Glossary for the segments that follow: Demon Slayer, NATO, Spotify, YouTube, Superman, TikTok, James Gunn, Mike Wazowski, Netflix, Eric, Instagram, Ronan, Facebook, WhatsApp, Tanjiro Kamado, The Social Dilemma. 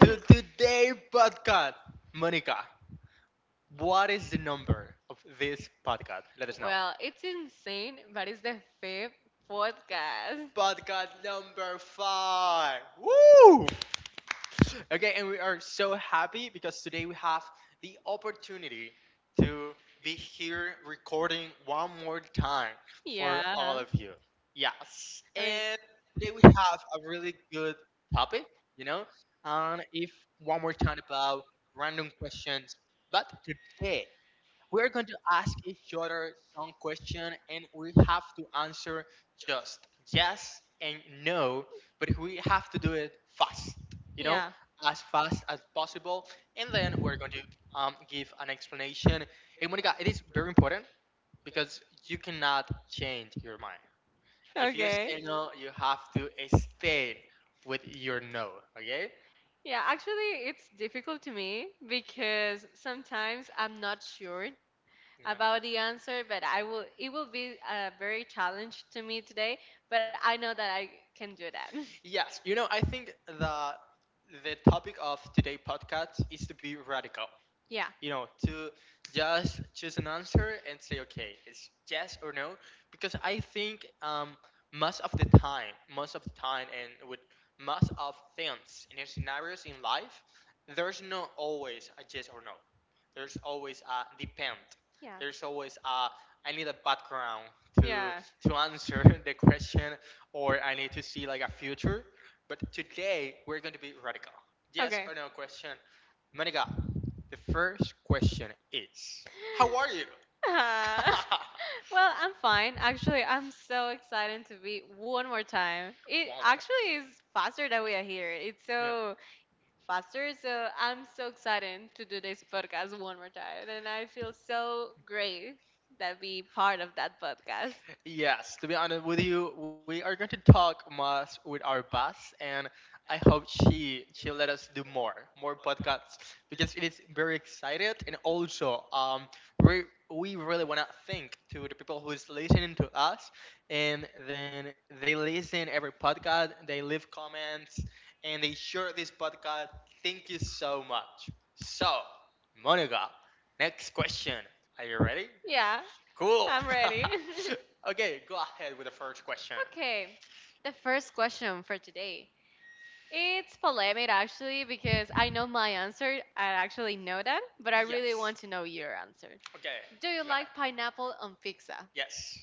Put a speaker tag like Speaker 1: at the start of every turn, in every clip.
Speaker 1: To today's podcast. Monica, what is the number of this podcast? Let us know.
Speaker 2: Well, it's insane, but it's the fifth podcast.
Speaker 1: Podcast number five. Woo! Okay, and we are so happy because today we have the opportunity to be here recording one more time for all
Speaker 2: Yeah.
Speaker 1: of you. Yes,
Speaker 2: I mean,
Speaker 1: and today we have a really good topic, you know, and if one more time about random questions. But today we're going to ask each other some question and we have to answer just yes and no, but we have to do it fast, you know,
Speaker 2: yeah.
Speaker 1: as fast as possible. And then we're going to give an explanation. And Monica, it is very important because you cannot change your mind. If you
Speaker 2: Okay.
Speaker 1: say no, you have to stay with your no, okay?
Speaker 2: Yeah, actually, it's difficult to me
Speaker 1: Yeah.
Speaker 2: because sometimes I'm not sure about
Speaker 1: Yeah.
Speaker 2: the answer, but I will. It will be a very challenge to me today, but I know that I can do that.
Speaker 1: Yes, I think the topic of today podcast is to be radical
Speaker 2: Yeah.
Speaker 1: you know, to just choose an answer and say, okay, it's yes or no, because I think most of the time, and with most of things in scenarios in life, there's not always a yes or no. There's always a depend.
Speaker 2: Yeah.
Speaker 1: There's always a I need a background to
Speaker 2: Yeah.
Speaker 1: to answer the question, or I need to see like a future. But today we're going to be radical. Yes
Speaker 2: Okay.
Speaker 1: or no question. Monica, the first question is, how are you?
Speaker 2: Uh, well, I'm fine. Actually, I'm so excited to be one more time. It
Speaker 1: One more time.
Speaker 2: actually is faster that we are here. It's
Speaker 1: Yeah.
Speaker 2: so faster. So I'm so excited to do this podcast one more time. And I feel so great that be part of that podcast.
Speaker 1: Yes, to be honest with you, we are going to talk much with our boss, and I hope she'll let us do more podcasts because it is very excited, and also we we really want to thank to the people who is listening to us, and then they listen every podcast, they leave comments, and they share this podcast. Thank you so much. So, Monica, next question. Are you ready?
Speaker 2: Yeah,
Speaker 1: Cool.
Speaker 2: I'm ready.
Speaker 1: Okay, go ahead with the first question.
Speaker 2: Okay, the first question for today. It's polemic actually because I know my answer. I actually know that, but I really
Speaker 1: Yes.
Speaker 2: want to know your answer.
Speaker 1: Okay,
Speaker 2: Do you
Speaker 1: go ahead.
Speaker 2: like pineapple on pizza?
Speaker 1: Yes.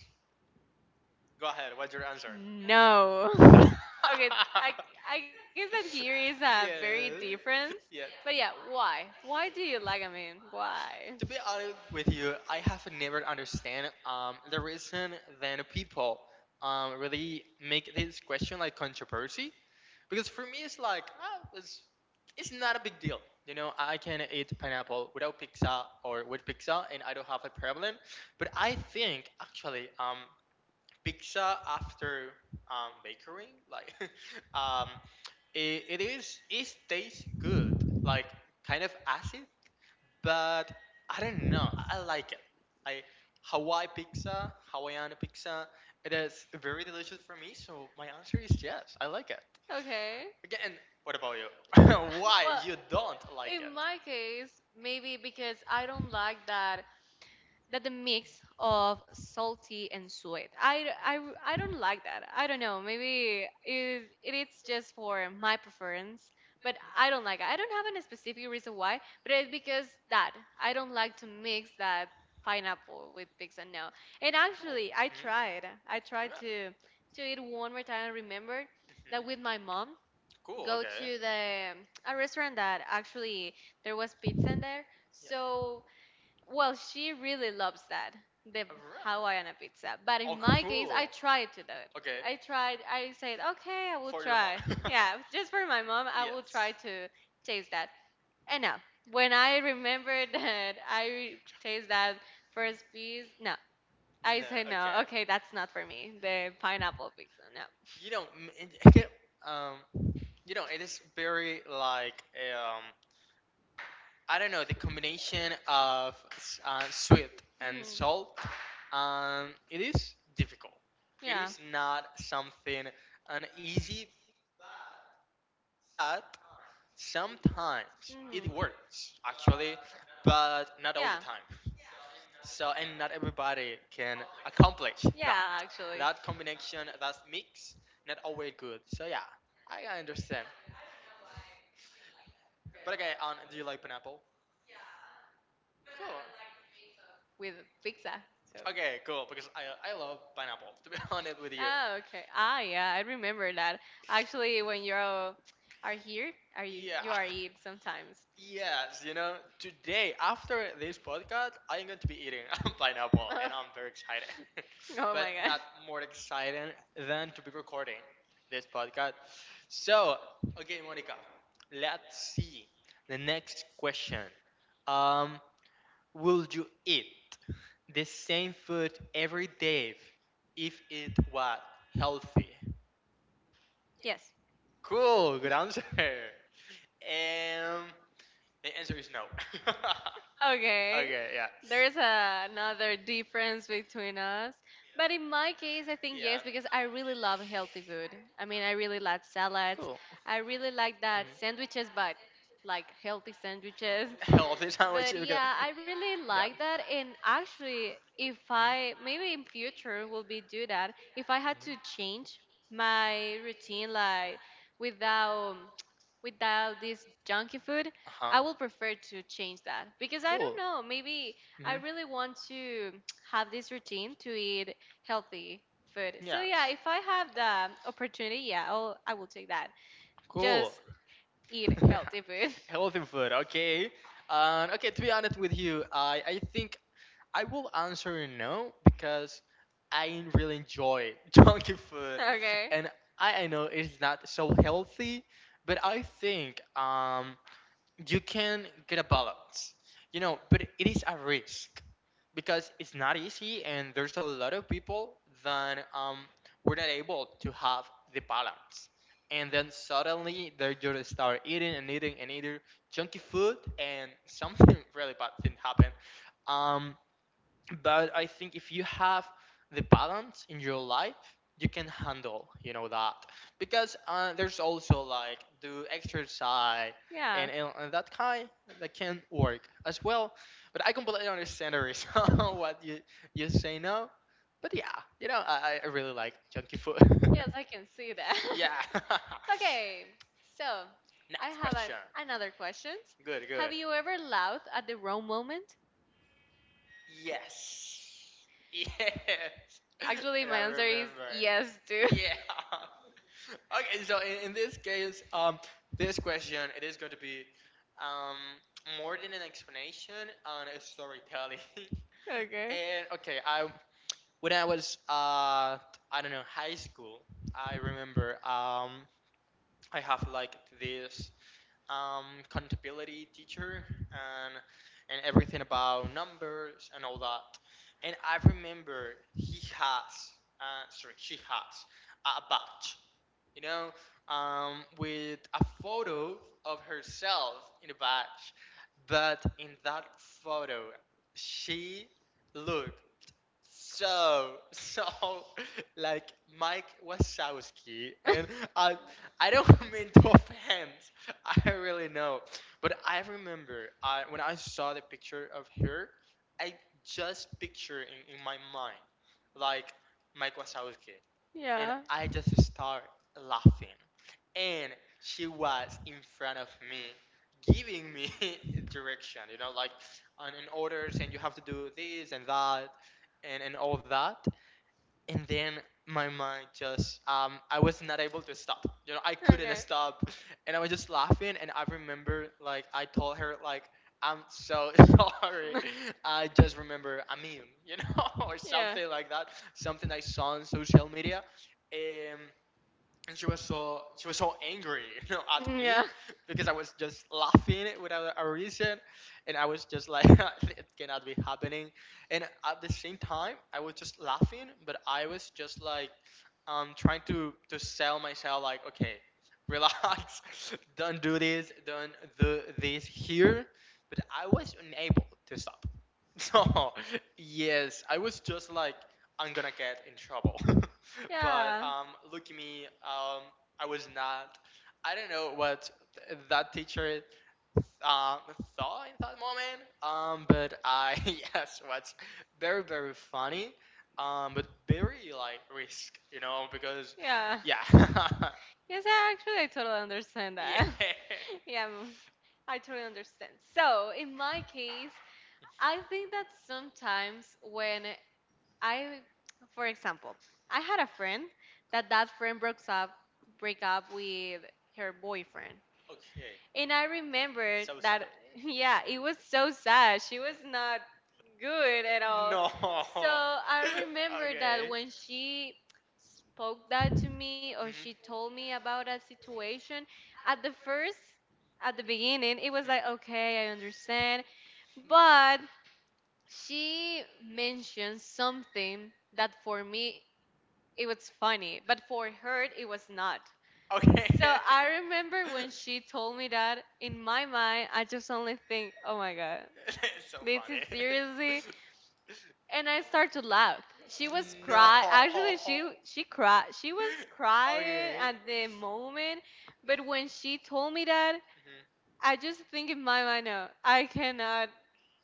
Speaker 1: Go ahead. What's your answer?
Speaker 2: No.
Speaker 1: No.
Speaker 2: Okay, I, I guess that here is a very
Speaker 1: Yes.
Speaker 2: difference.
Speaker 1: Yeah.
Speaker 2: But yeah, why? Why do you like a man? Why?
Speaker 1: To be honest with you, I have never understand the reason that people really make this question like controversy. Because for me, it's like it's not a big deal. You know, I can eat pineapple without pizza or with pizza, and I don't have a problem. But I think actually, pizza after bakery, like, um, it tastes good, like kind of acid, but I don't know, I like it. I Hawaii pizza, Hawaiian pizza, it is very delicious for me. So my answer is yes, I like it.
Speaker 2: Okay.
Speaker 1: Again, what about you? Why
Speaker 2: Well,
Speaker 1: you don't like it?
Speaker 2: in my case, maybe because I don't like that the mix of salty and sweet. I don't like that. I don't know. Maybe it's just for my preference, but I don't like it. I don't have any specific reason why, but it's because that I don't like to mix that pineapple with pizza. No, and
Speaker 1: Cool.
Speaker 2: actually I
Speaker 1: Mhm.
Speaker 2: tried. I tried
Speaker 1: Yeah.
Speaker 2: to eat one more time. I remembered that with
Speaker 1: Mhm.
Speaker 2: my mom
Speaker 1: Cool.
Speaker 2: go
Speaker 1: Okay.
Speaker 2: to the a restaurant that actually there was pizza in there. So well, she really loves that, the
Speaker 1: Really?
Speaker 2: Hawaiian pizza. But
Speaker 1: Oh,
Speaker 2: in my case,
Speaker 1: cool.
Speaker 2: I tried to do it.
Speaker 1: Okay.
Speaker 2: I tried, I said, okay, I will
Speaker 1: For your
Speaker 2: try.
Speaker 1: mom.
Speaker 2: Yeah, just for my mom, I will
Speaker 1: Yes.
Speaker 2: try to taste that. And now, when I remembered that I taste that first piece, no, I
Speaker 1: No.
Speaker 2: said, no,
Speaker 1: Okay.
Speaker 2: okay, that's not for me. The pineapple pizza, no.
Speaker 1: You know, m- and- um, it is very like um, I don't know, the combination of sweet and
Speaker 2: Mhm.
Speaker 1: salt. It is difficult. It
Speaker 2: Yeah.
Speaker 1: is not something an easy, but sometimes it works
Speaker 2: Mhm.
Speaker 1: actually, but not all the
Speaker 2: Yeah,
Speaker 1: time. So and not everybody can accomplish that.
Speaker 2: yeah, actually.
Speaker 1: That combination, that mix, not always good. So yeah, I understand.
Speaker 2: Why you like that, but
Speaker 1: But okay, do you like pineapple? Cool.
Speaker 2: with pizza. So.
Speaker 1: Okay, cool. Because I love pineapple. To be honest
Speaker 2: Ah,
Speaker 1: with you.
Speaker 2: okay. Ah, yeah, I remember that. Actually, when you are here, are you are
Speaker 1: Yeah.
Speaker 2: eat sometimes.
Speaker 1: Yes, today after this podcast, I'm going to be eating a pineapple, and I'm very excited.
Speaker 2: Oh my god.
Speaker 1: But not more exciting than to be recording this podcast. So, okay, Monica, let's see the next question. Um, will you eat the same food every day if it was healthy?
Speaker 2: Yes.
Speaker 1: Cool, good answer. Um, the answer is no.
Speaker 2: Okay.
Speaker 1: Okay, yeah.
Speaker 2: There's another difference between us. But
Speaker 1: Yeah.
Speaker 2: in my case, I think yes, because I really love healthy food. I mean, I really
Speaker 1: Cool.
Speaker 2: like salads. I really
Speaker 1: Mhm.
Speaker 2: like that sandwiches, but like healthy sandwiches.
Speaker 1: Healthy sandwiches. Because—
Speaker 2: But yeah, I really
Speaker 1: Yeah.
Speaker 2: like that. And actually, if
Speaker 1: Mhm.
Speaker 2: I maybe in future will be do that, if I had to change my routine, like without without this junky food,
Speaker 1: Mhm.
Speaker 2: I will prefer to change that because I don't
Speaker 1: Cool.
Speaker 2: know. Maybe I
Speaker 1: Hmm.
Speaker 2: really want to have this routine to eat healthy food. So
Speaker 1: Yes.
Speaker 2: yeah, if I have the opportunity, yeah, I will take that. Just
Speaker 1: Cool.
Speaker 2: eat healthy food.
Speaker 1: Healthy food. Okay. Okay. To be honest with you, I think I will answer no because I really enjoy junky food,
Speaker 2: Okay.
Speaker 1: and I know it's not so healthy, but I think you can get a balance, but it is a risk because it's not easy, and there's a lot of people that were not able to have the balance. And then suddenly they just start eating and eating and eating junky food, and something really bad thing happened. Um, but I think if you have the balance in your life, you can handle that. Because there's also like do exercise and,
Speaker 2: Yeah.
Speaker 1: and, and that kind that can work as well. But I completely understand the reason what you say now. But yeah, I really like junky food.
Speaker 2: Yes, I can see that.
Speaker 1: Yeah.
Speaker 2: Okay. So I
Speaker 1: Next
Speaker 2: have
Speaker 1: question.
Speaker 2: another question.
Speaker 1: Good,
Speaker 2: Have
Speaker 1: good.
Speaker 2: you ever laughed at the wrong moment?
Speaker 1: Yes. Yes.
Speaker 2: Actually,
Speaker 1: And
Speaker 2: my
Speaker 1: I
Speaker 2: answer is
Speaker 1: remember
Speaker 2: yes too.
Speaker 1: it. Yeah. Okay, so in this case, this question it is going to be um more than an explanation on a storytelling.
Speaker 2: Okay.
Speaker 1: And okay, I when I was I don't know, high school, I remember I have like this contability teacher, and and everything about numbers and all that. And I remember he has, sorry, she has a badge, you know, with a photo of herself in the badge. But in that photo, she look so, so, like Mike Wazowski, and I, I don't mean to offend. I really know, but I remember I when I saw the picture of her, I just picture in my mind, like Mike Wazowski, and
Speaker 2: yeah.
Speaker 1: I just start laughing, and she was in front of me, giving me direction, like on and orders, and you have to do this and that and all that. And then my mind just I was not able to stop. You know, I couldn't
Speaker 2: Okay.
Speaker 1: stop, and I was just laughing. And I remember like I told her like I'm so sorry. I just remember a meme, or something like that, something I saw on social media. Um, and she was so angry at me,
Speaker 2: yeah.
Speaker 1: because I was just laughing without a reason, and I was just like it cannot be happening, and at the same time I was just laughing, but I was just like trying to sell myself like, okay, relax, don't do this, don't do this here, but I was unable to stop. So yes, I was just like, I'm gonna get in trouble.
Speaker 2: Yeah.
Speaker 1: But
Speaker 2: Yeah.
Speaker 1: look at me. I was not. I don't know what that teacher um, thought in that moment. But I, yes, what's very very funny. But very like risk, because
Speaker 2: Yeah.
Speaker 1: yeah,
Speaker 2: Yes, I actually, I totally understand
Speaker 1: yeah.
Speaker 2: that. Yeah, I totally understand. So, in my case, I think that sometimes when I, for example, I had a friend that friend broke up, break up with her boyfriend.
Speaker 1: Okay,
Speaker 2: And I remember
Speaker 1: so sad.
Speaker 2: that, yeah, it was so sad. She was not good at
Speaker 1: Mhm.
Speaker 2: all.
Speaker 1: No.
Speaker 2: So I remember that
Speaker 1: Okay.
Speaker 2: when she spoke that to me or
Speaker 1: Hmm.
Speaker 2: she told me about that situation, at the first, at the beginning, it was like, okay, I understand. But she mentioned something that for me, it was funny, but for her, it was not.
Speaker 1: Okay.
Speaker 2: So I remember when she told me that
Speaker 1: It's
Speaker 2: in my mind, I just only think, oh my God,
Speaker 1: so
Speaker 2: this is
Speaker 1: funny.
Speaker 2: seriously. And I start to laugh. She was cry.
Speaker 1: No.
Speaker 2: Actually, she cried. She was crying
Speaker 1: Okay.
Speaker 2: at the moment. But when she told me that,
Speaker 1: Hmm.
Speaker 2: I just think in my mind, no,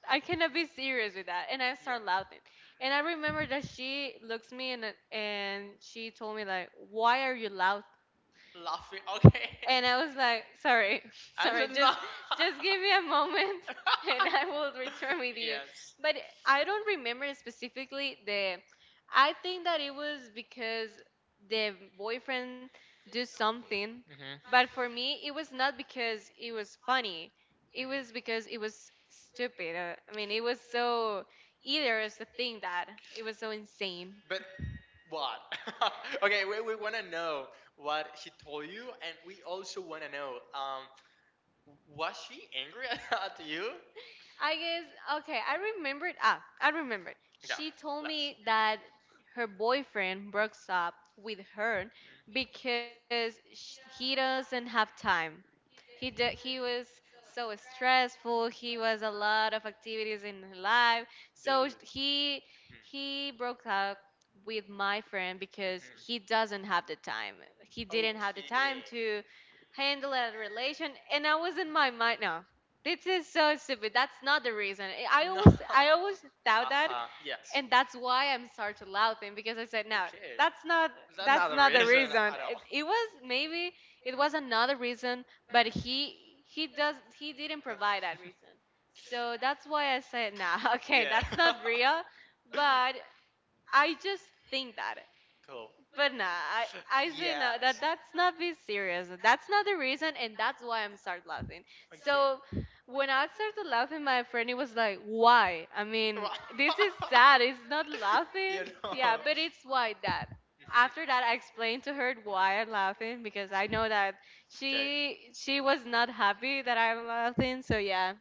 Speaker 2: I cannot be serious with that. And I
Speaker 1: Yeah.
Speaker 2: start laughing. And I remember that she looks me in the- and she told me like, why are you laughing?
Speaker 1: Laughing. Okay.
Speaker 2: And I was like, sorry,
Speaker 1: Answer
Speaker 2: sorry,
Speaker 1: no.
Speaker 2: just give me a moment and I will return with you.
Speaker 1: Yes.
Speaker 2: But I don't remember specifically the I think that it was because the boyfriend do something,
Speaker 1: Mm-hmm.
Speaker 2: but for me it was not because it was funny. It
Speaker 1: Mhm.
Speaker 2: was because it was stupid. I mean, it was so either is the thing that it was so insane.
Speaker 1: But what? Okay, we want to know what she told you, and we also want to know, was she angry at you?
Speaker 2: I guess okay, I remembered ah, I remembered.
Speaker 1: Yeah,
Speaker 2: She told
Speaker 1: let's.
Speaker 2: me that her boyfriend broke up with her because he doesn't have time. He was so stressful. He was a lot of activities in her life.
Speaker 1: Dude.
Speaker 2: So
Speaker 1: Mhm.
Speaker 2: he broke up with my friend
Speaker 1: Mhm.
Speaker 2: because he doesn't have the time. He didn't have
Speaker 1: Okay.
Speaker 2: the time to handle a relation and I was in my mind no. This is so stupid. That's not the reason. I I
Speaker 1: No.
Speaker 2: always I always thought that
Speaker 1: Uh-huh. Yes.
Speaker 2: and that's why I'm started laughing because I said no,
Speaker 1: Okay.
Speaker 2: that's not
Speaker 1: That's not
Speaker 2: that's
Speaker 1: the
Speaker 2: not the
Speaker 1: reason
Speaker 2: reason.
Speaker 1: at all.
Speaker 2: It was maybe it was another reason, but
Speaker 1: Mhm.
Speaker 2: he didn't
Speaker 1: Huh.
Speaker 2: provide that reason. So that's why I said nah. Okay,
Speaker 1: Yeah.
Speaker 2: that's not real, but I just think that.
Speaker 1: Cool.
Speaker 2: But nah, I say no,
Speaker 1: Yes.
Speaker 2: that's not be serious. That's not the reason, and that's why I'm start laughing. So
Speaker 1: Okay.
Speaker 2: when I started laughing, my friend he was like, "Why? I
Speaker 1: Wow.
Speaker 2: mean, this is sad. It's not laughing.
Speaker 1: You know.
Speaker 2: Yeah, but it's why that."
Speaker 1: Mhm.
Speaker 2: After that, I explained to her why I'm laughing because I know that she was not happy that I'm laughing. So yeah,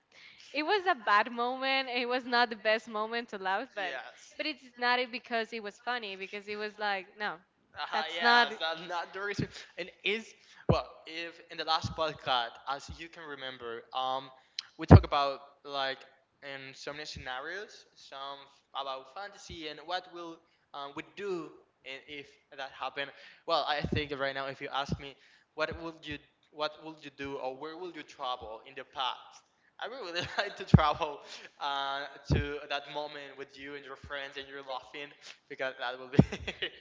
Speaker 2: it was a bad moment. It was not the best moment to laugh, but
Speaker 1: Yes.
Speaker 2: it's not it because it was funny. Because it was like no, that's not.
Speaker 1: Yes. That's not the reason. And is well, if in the last podcast, as you can remember, we talk about like in so many scenarios, some about fantasy and what will we do and if that happened, well, I think right now if you ask me, what would you what would you do, or where would you travel in the past, I would really like to travel uh, to that moment with you and your friends and you're laughing, because that would be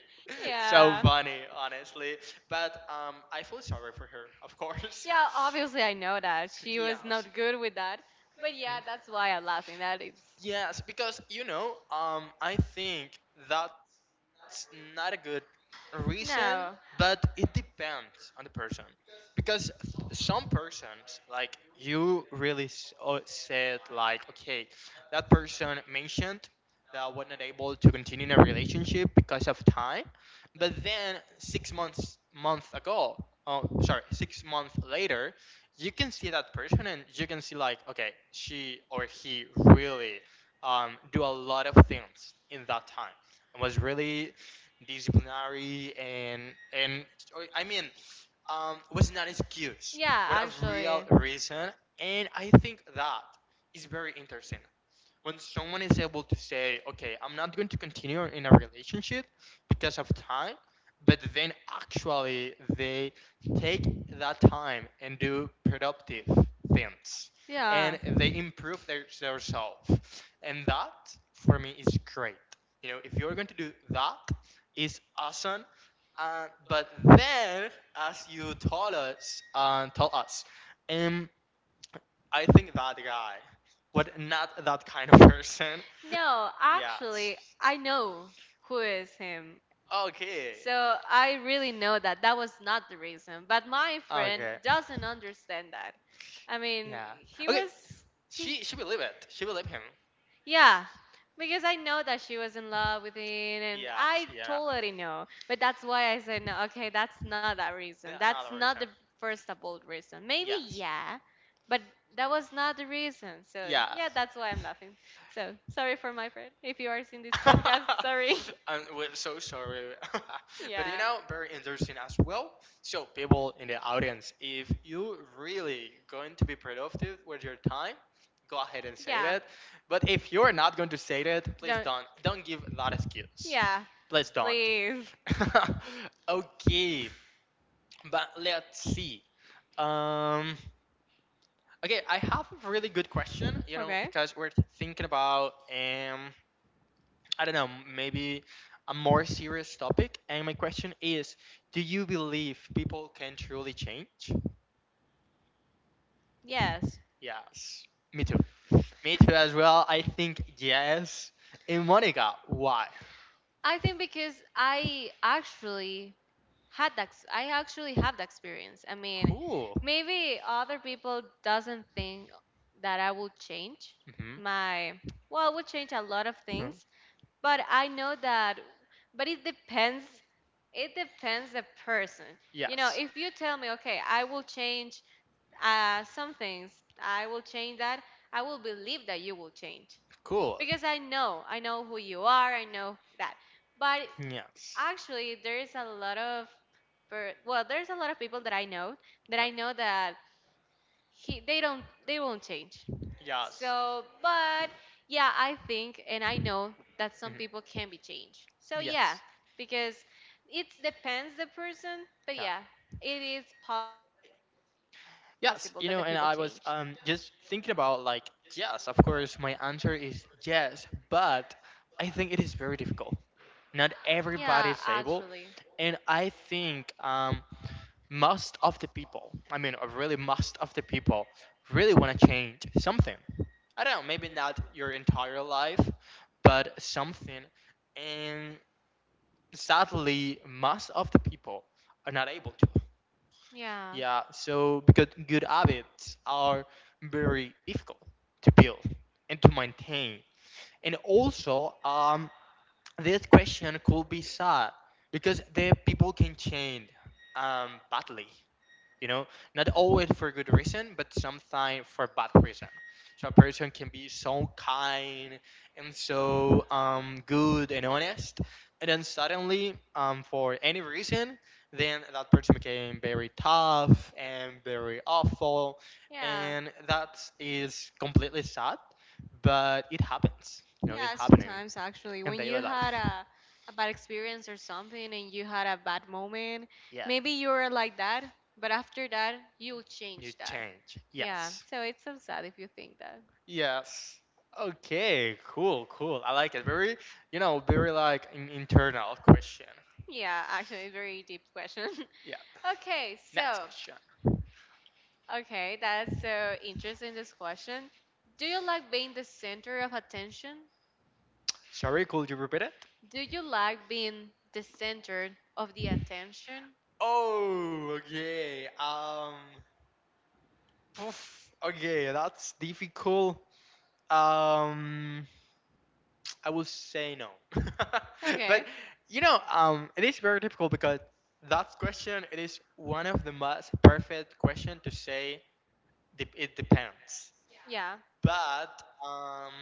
Speaker 1: so
Speaker 2: Yeah.
Speaker 1: funny, honestly. But I feel sorry for her, of course.
Speaker 2: Yeah, obviously I know that she was
Speaker 1: Yes.
Speaker 2: not good with that, but
Speaker 1: Hmm?
Speaker 2: yeah, that's why I'm laughing. That it's
Speaker 1: Yes, because I think that's not a good reason, but
Speaker 2: no.
Speaker 1: it depends on the person. Because some persons, like you really said, like, okay, that person mentioned that was not able to continue in a relationship because of time, but then 6 months month ago, oh, sorry, 6 months later, you can see that person and you can see like, okay, she or he really do a lot of things in that time and was really disciplinary, and or, I mean, was not an excuse
Speaker 2: Yeah,
Speaker 1: but a real
Speaker 2: actually.
Speaker 1: reason, and I think that is very interesting when someone is able to say, okay, I'm not going to continue in a relationship because of time, but then actually they take that time and do productive things
Speaker 2: Yeah.
Speaker 1: and they improve their self. And that for me is great. You know, if you're going to do that, it's awesome. But then, as you told us, tell us, um, I think that guy was not that kind of person.
Speaker 2: No,
Speaker 1: Yes.
Speaker 2: actually, I know who is him.
Speaker 1: Okay.
Speaker 2: So I really know that that was not the reason. But my friend
Speaker 1: Okay.
Speaker 2: doesn't understand that. I mean,
Speaker 1: Yeah.
Speaker 2: he
Speaker 1: Okay.
Speaker 2: was he
Speaker 1: She believe it. She believe him.
Speaker 2: Yeah, because I know that she was in love with him, and
Speaker 1: Yes.
Speaker 2: I
Speaker 1: Yeah.
Speaker 2: totally know. But that's why I said no. Okay, that's not that reason. That's
Speaker 1: Another
Speaker 2: not the
Speaker 1: reason.
Speaker 2: first bold reason. Maybe
Speaker 1: Yes.
Speaker 2: yeah, but that was not the reason. So
Speaker 1: Yes.
Speaker 2: yeah, that's why I'm laughing. So sorry for my friend if you are seeing this podcast. Sorry.
Speaker 1: I'm we're so sorry, but you
Speaker 2: Yeah.
Speaker 1: know, very interesting as well. So, people in the audience, if you really going to be productive with your time, go ahead and say
Speaker 2: Yeah.
Speaker 1: that. But if you're not going to say that, please
Speaker 2: Don't.
Speaker 1: don't. Don't give a lot of skills.
Speaker 2: Yeah.
Speaker 1: Please don't.
Speaker 2: Please.
Speaker 1: Okay, but let's see. Um, okay, I have a really good question. You know,
Speaker 2: Okay.
Speaker 1: because we're thinking about, I don't know, maybe a more serious topic. And my question is, do you believe people can truly change?
Speaker 2: Yes,
Speaker 1: Yes. Me too. Me too as well. I think yes. And Monica, why?
Speaker 2: I think because I actually had that. I actually have the experience. I mean,
Speaker 1: Cool.
Speaker 2: maybe other people doesn't think that I will change
Speaker 1: Hmm.
Speaker 2: my. Well, I will change a lot of things, but I know that. But it depends. It depends the person. You know,
Speaker 1: Yes.
Speaker 2: if you tell me, okay, I will change some things. I will change that. I will believe that you will change.
Speaker 1: Cool.
Speaker 2: Because I know who you are, I know that. But
Speaker 1: Yes.
Speaker 2: actually, there is a lot of, well, there's a lot of people that I know that I know that they don't, they won't change.
Speaker 1: Yes.
Speaker 2: So, but yeah, I think and I know that some
Speaker 1: Hmm.
Speaker 2: people can be changed. So yeah,
Speaker 1: Yes.
Speaker 2: because it depends the person, but
Speaker 1: Yeah.
Speaker 2: yeah, it is possible that the people change.
Speaker 1: Yes. You know, and I was just thinking about, like, yes. Of course, my answer is yes, but I think it is very difficult, not
Speaker 2: Yeah,
Speaker 1: everybody is
Speaker 2: actually,
Speaker 1: able. And I think, most of the people, I mean, really, most of the people really want to change something. I don't know, maybe not your entire life, but something. And sadly, most of the people are not able to.
Speaker 2: yeah.
Speaker 1: Yeah. So, because good habits are very difficult to build and to maintain. And also, this question could be sad because the people can change, badly, you know, not always for good reason, but sometimes for bad reason. So a person can be so kind and so good and honest, and then suddenly, for any reason, then that person became very tough and very awful,
Speaker 2: Yeah.
Speaker 1: and that is completely sad, but it happens, you know. It's
Speaker 2: Yeah,
Speaker 1: happening
Speaker 2: sometimes actually,
Speaker 1: in
Speaker 2: when you
Speaker 1: daily
Speaker 2: had
Speaker 1: life.
Speaker 2: a bad experience or something and you had a bad moment,
Speaker 1: Yeah.
Speaker 2: maybe you were like that, but after that, you'll
Speaker 1: You
Speaker 2: change that.
Speaker 1: change.
Speaker 2: Yeah,
Speaker 1: Yes.
Speaker 2: so it's so sad if you think that.
Speaker 1: Yes. Okay, cool, cool. I like it. Very, you know, very like an internal question.
Speaker 2: Yeah, actually, it's very deep question.
Speaker 1: Yeah.
Speaker 2: Okay,
Speaker 1: Next
Speaker 2: so,
Speaker 1: question.
Speaker 2: okay, that's so interesting, this question. Do you like being the center of attention?
Speaker 1: Sorry, could you repeat it?
Speaker 2: Do you like being the center of the attention?
Speaker 1: Oh, okay. Oof, okay, that's difficult. Um, I will say no. But
Speaker 2: Okay.
Speaker 1: you know, it is very difficult because that question, it is one of the most perfect question to say. It depends.
Speaker 2: Yeah.
Speaker 1: But um,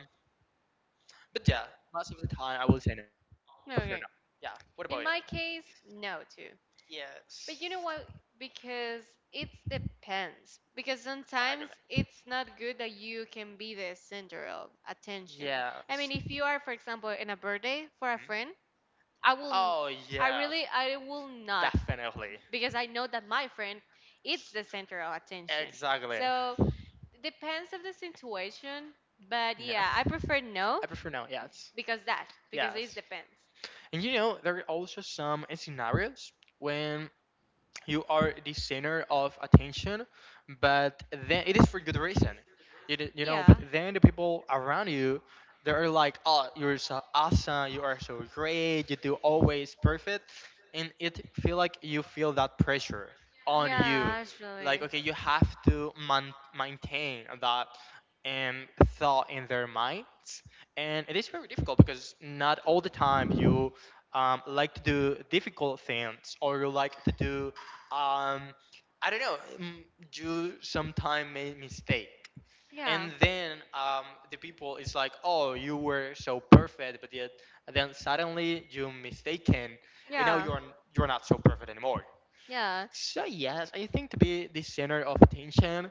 Speaker 1: but yeah, most of the time I will say no. I would prefer
Speaker 2: Okay.
Speaker 1: no. Yeah. What
Speaker 2: In
Speaker 1: about
Speaker 2: my
Speaker 1: you?
Speaker 2: case, no too.
Speaker 1: Yes.
Speaker 2: But you know what? Because it depends. Because sometimes
Speaker 1: Exactly.
Speaker 2: it's not good that you can be the center of attention. I mean,
Speaker 1: Yes.
Speaker 2: if
Speaker 1: Hmm?
Speaker 2: you are, for example, in a birthday for a friend, I will, n-
Speaker 1: Oh
Speaker 2: I
Speaker 1: yes,
Speaker 2: really, I will not,
Speaker 1: definitely.
Speaker 2: because I know that my friend, it's the center of attention.
Speaker 1: Exactly.
Speaker 2: So depends of the situation. But
Speaker 1: No,
Speaker 2: yeah, I prefer no
Speaker 1: I prefer no. Yes.
Speaker 2: because that because
Speaker 1: Yes.
Speaker 2: it depends.
Speaker 1: And you know, there are also some scenarios when you are the center of attention, but then it is for good reason.
Speaker 2: Yeah.
Speaker 1: You know, but then the people around you, they're like, oh, you're so awesome, you are so great, you do always perfect. And it feel like you feel that pressure on
Speaker 2: Yeah,
Speaker 1: you.
Speaker 2: actually.
Speaker 1: Like, okay, you have to maintain that um, thought in their minds. And it is very difficult because not all the time you like to do difficult things, or you like to do, um, I don't know, you sometime made mistake.
Speaker 2: Yeah.
Speaker 1: And then, the people is like, oh, you were so perfect, but yet then suddenly you mistaken, and now
Speaker 2: Yeah.
Speaker 1: you're not so perfect anymore.
Speaker 2: Yeah,
Speaker 1: So yes, I think to be the center of attention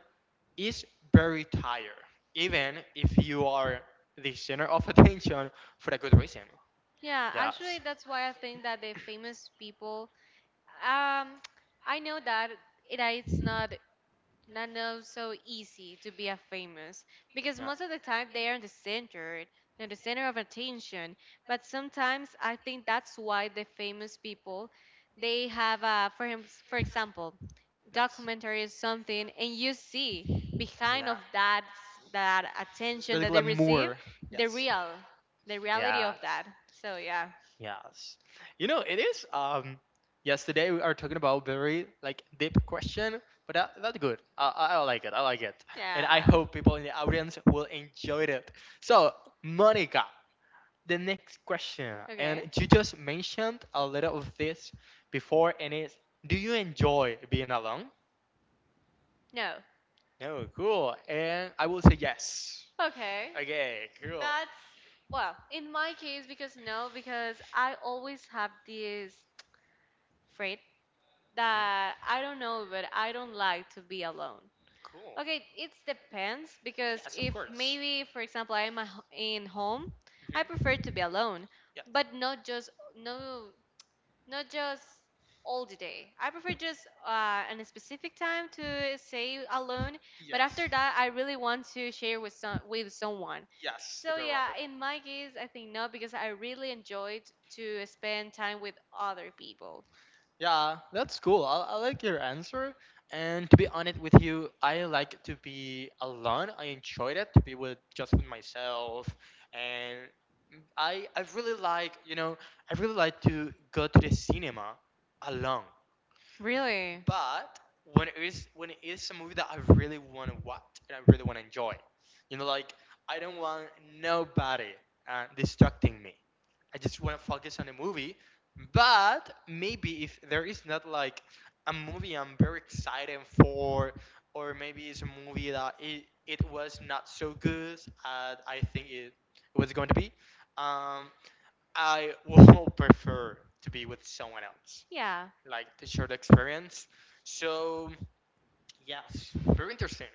Speaker 1: is very tired, even if you are the center of attention for a good reason.
Speaker 2: yeah.
Speaker 1: Yes.
Speaker 2: Actually, that's why I think that the famous people, um, I know that it, it's not know so easy to be a famous because
Speaker 1: Yeah.
Speaker 2: most of the time they are in the center of attention but sometimes I think that's why the famous people they have for him for example
Speaker 1: Yes.
Speaker 2: documentary is something and you see
Speaker 1: Yeah.
Speaker 2: behind of that that
Speaker 1: The
Speaker 2: attention that they
Speaker 1: glamour.
Speaker 2: receive
Speaker 1: Yes.
Speaker 2: the real the
Speaker 1: Yeah.
Speaker 2: reality of that so yeah
Speaker 1: Yes. You know, it is. Yes. Today we are talking about very like deep question, but that's good. I like it. I like it, and I
Speaker 2: yeah
Speaker 1: hope people in the audience will enjoy it. So, Monica, the next question, and
Speaker 2: okay
Speaker 1: you just mentioned a little of this before, and it's, do you enjoy being alone?
Speaker 2: no
Speaker 1: No, cool. And I will say yes.
Speaker 2: Okay.
Speaker 1: Okay, cool.
Speaker 2: That's well, in my case because no, because I always have this trait
Speaker 1: Mhm.
Speaker 2: that I don't know, but I don't like to be alone.
Speaker 1: Cool.
Speaker 2: Okay, it depends because
Speaker 1: Yes, of
Speaker 2: if
Speaker 1: course.
Speaker 2: maybe for example I'm in home, I
Speaker 1: Hmm.
Speaker 2: prefer to be alone,
Speaker 1: Yeah.
Speaker 2: but not just, no, not just all the day. I prefer just in a specific time to stay alone, but
Speaker 1: Yes.
Speaker 2: after that, I really want to share with someone.
Speaker 1: Yes, the
Speaker 2: So
Speaker 1: barrel
Speaker 2: yeah,
Speaker 1: people.
Speaker 2: in my case, I think no, because I really enjoyed to spend time with other people.
Speaker 1: Yeah, that's cool. I like your answer. And to be honest with you, I like to be alone. I enjoyed it to be with just with myself. And I really like, you know, I really like to go to the cinema alone.
Speaker 2: Really?
Speaker 1: But when it is a movie that I really want to watch and I really want to enjoy, you know, like I don't want nobody distracting me. I just want to focus on the movie. But maybe if there is not like a movie I'm very excited for, or maybe it's a movie that it was not so good as I think it was going to be, um, I will prefer to be with someone else,
Speaker 2: Yeah.
Speaker 1: like the short experience. So yes, very interesting.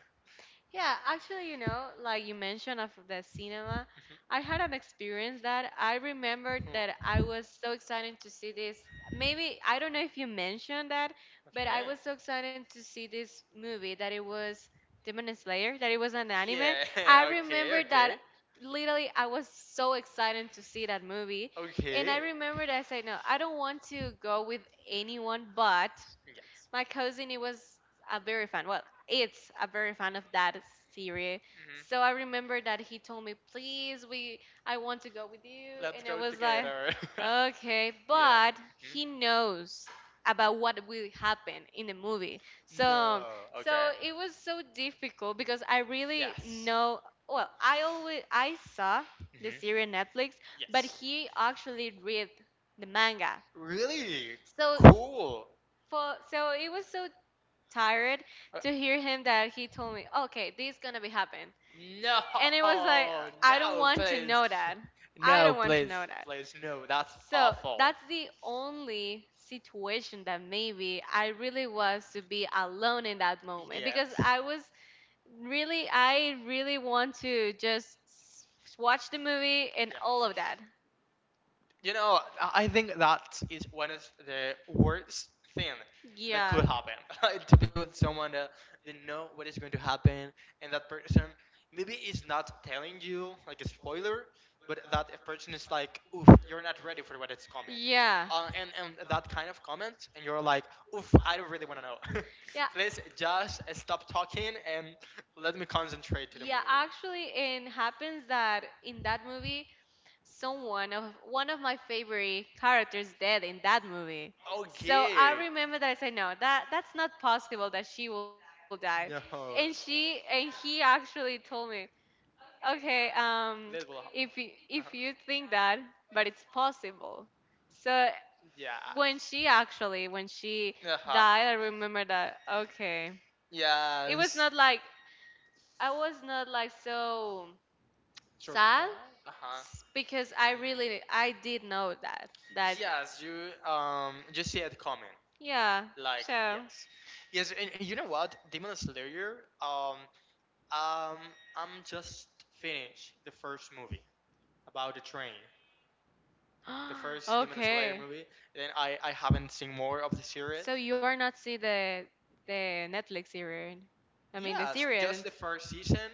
Speaker 2: Yeah, actually, like you mentioned of the cinema,
Speaker 1: Mhm.
Speaker 2: I had an experience that I remembered that I
Speaker 1: Hmm.
Speaker 2: was so excited to see this. Maybe I don't know if you mentioned that, but I
Speaker 1: Okay.
Speaker 2: was so excited to see this movie that it was Demon Slayer, that it was an anime.
Speaker 1: Yeah.
Speaker 2: I
Speaker 1: Okay.
Speaker 2: remember that
Speaker 1: Okay.
Speaker 2: literally I was so excited to see that movie, and I
Speaker 1: Okay.
Speaker 2: remember that I said, no, I don't want to go with anyone, but
Speaker 1: Yes.
Speaker 2: my cousin, he was a very fan. Well, it's a very fan of that series. So
Speaker 1: Hmm.
Speaker 2: I remember that he told me, "Please, I want to go with you,"
Speaker 1: Let's
Speaker 2: and I
Speaker 1: go
Speaker 2: was like,
Speaker 1: together.
Speaker 2: "Okay,"
Speaker 1: Yeah.
Speaker 2: but he knows about what will happen in the movie.
Speaker 1: Mhm.
Speaker 2: So,
Speaker 1: No. Okay.
Speaker 2: so it was so difficult because I really
Speaker 1: Yes.
Speaker 2: know. Well, I saw
Speaker 1: Hmm.
Speaker 2: the series on Netflix, but
Speaker 1: Yes.
Speaker 2: he actually read the manga.
Speaker 1: Really
Speaker 2: So he-
Speaker 1: cool.
Speaker 2: for so it was so tired to hear him that he
Speaker 1: Uh,
Speaker 2: told me, okay, this is gonna be happen.
Speaker 1: no,
Speaker 2: And it was like, I don't
Speaker 1: no,
Speaker 2: want to
Speaker 1: please.
Speaker 2: know that. I
Speaker 1: No,
Speaker 2: don't want to know
Speaker 1: please,
Speaker 2: that.
Speaker 1: please, no. That's
Speaker 2: So
Speaker 1: awful.
Speaker 2: that's the only situation that maybe I really was to be alone in that moment because
Speaker 1: Yes.
Speaker 2: I really want to just watch the movie and
Speaker 1: Yeah.
Speaker 2: all of that.
Speaker 1: You know, I think that is one of the worst thing that
Speaker 2: Yeah.
Speaker 1: could happen. Like, to be with someone that they know what is going to happen, and that person maybe is not telling you like a spoiler, but that a person is like, "Oof, you're not ready for what is coming,"
Speaker 2: Yeah.
Speaker 1: and that kind of comment, and you're like, "Oof, I don't really want to know."
Speaker 2: Yeah.
Speaker 1: Please just stop talking and let me concentrate to the
Speaker 2: Yeah,
Speaker 1: movie.
Speaker 2: actually, it happens that in that movie, someone of one of my favorite characters dead in that movie. So
Speaker 1: Okay.
Speaker 2: I remember that I said, no, that's not possible that she will die. And
Speaker 1: No.
Speaker 2: she and he actually told me, okay,
Speaker 1: That will
Speaker 2: if you,
Speaker 1: happen.
Speaker 2: if
Speaker 1: Uh-huh.
Speaker 2: you think that, but it's possible. So
Speaker 1: Yeah.
Speaker 2: when she
Speaker 1: Uh-huh.
Speaker 2: died, I remember that, okay, it was
Speaker 1: Yes.
Speaker 2: not like I was not like so sad
Speaker 1: Surprise? Uh-huh.
Speaker 2: s- because I really I did know that.
Speaker 1: Yes, you see it coming.
Speaker 2: Yeah.
Speaker 1: Like
Speaker 2: So
Speaker 1: yes. Yes, and you know what? Demon Slayer, um um I'm just finished the first movie about the train. The first Demon Slayer
Speaker 2: okay,
Speaker 1: movie. Then I haven't seen more of the series.
Speaker 2: so you are not see the Netflix series, I mean, the
Speaker 1: Yes,
Speaker 2: series
Speaker 1: just the first season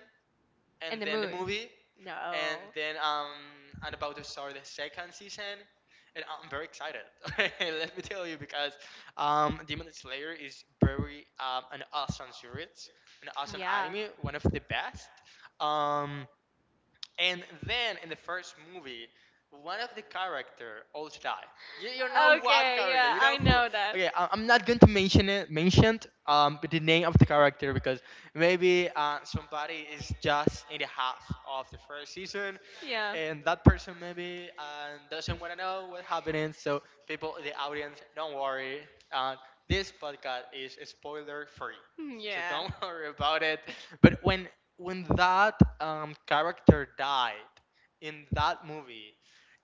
Speaker 1: and
Speaker 2: and the
Speaker 1: then the
Speaker 2: movie?
Speaker 1: movie.
Speaker 2: No.
Speaker 1: And then, I'm about to start the second season. And I'm very excited. Let me tell you because, Demon Slayer is very, an awesome series, an awesome
Speaker 2: Yeah.
Speaker 1: anime, one of the best. Um, And then in the first movie, one of the character also die. You know what
Speaker 2: Okay,
Speaker 1: character?
Speaker 2: yeah,
Speaker 1: You know
Speaker 2: I
Speaker 1: who?
Speaker 2: know that.
Speaker 1: Okay, I'm not going to mention it, mentioned the name of the character because maybe somebody is just in the half of the first season,
Speaker 2: Yeah.
Speaker 1: and that person maybe doesn't want to know what happening. So people in the audience, don't worry. Uh, this podcast is spoiler free,
Speaker 2: Hmm.
Speaker 1: so
Speaker 2: Yeah.
Speaker 1: don't worry about it. But when that character died in that movie,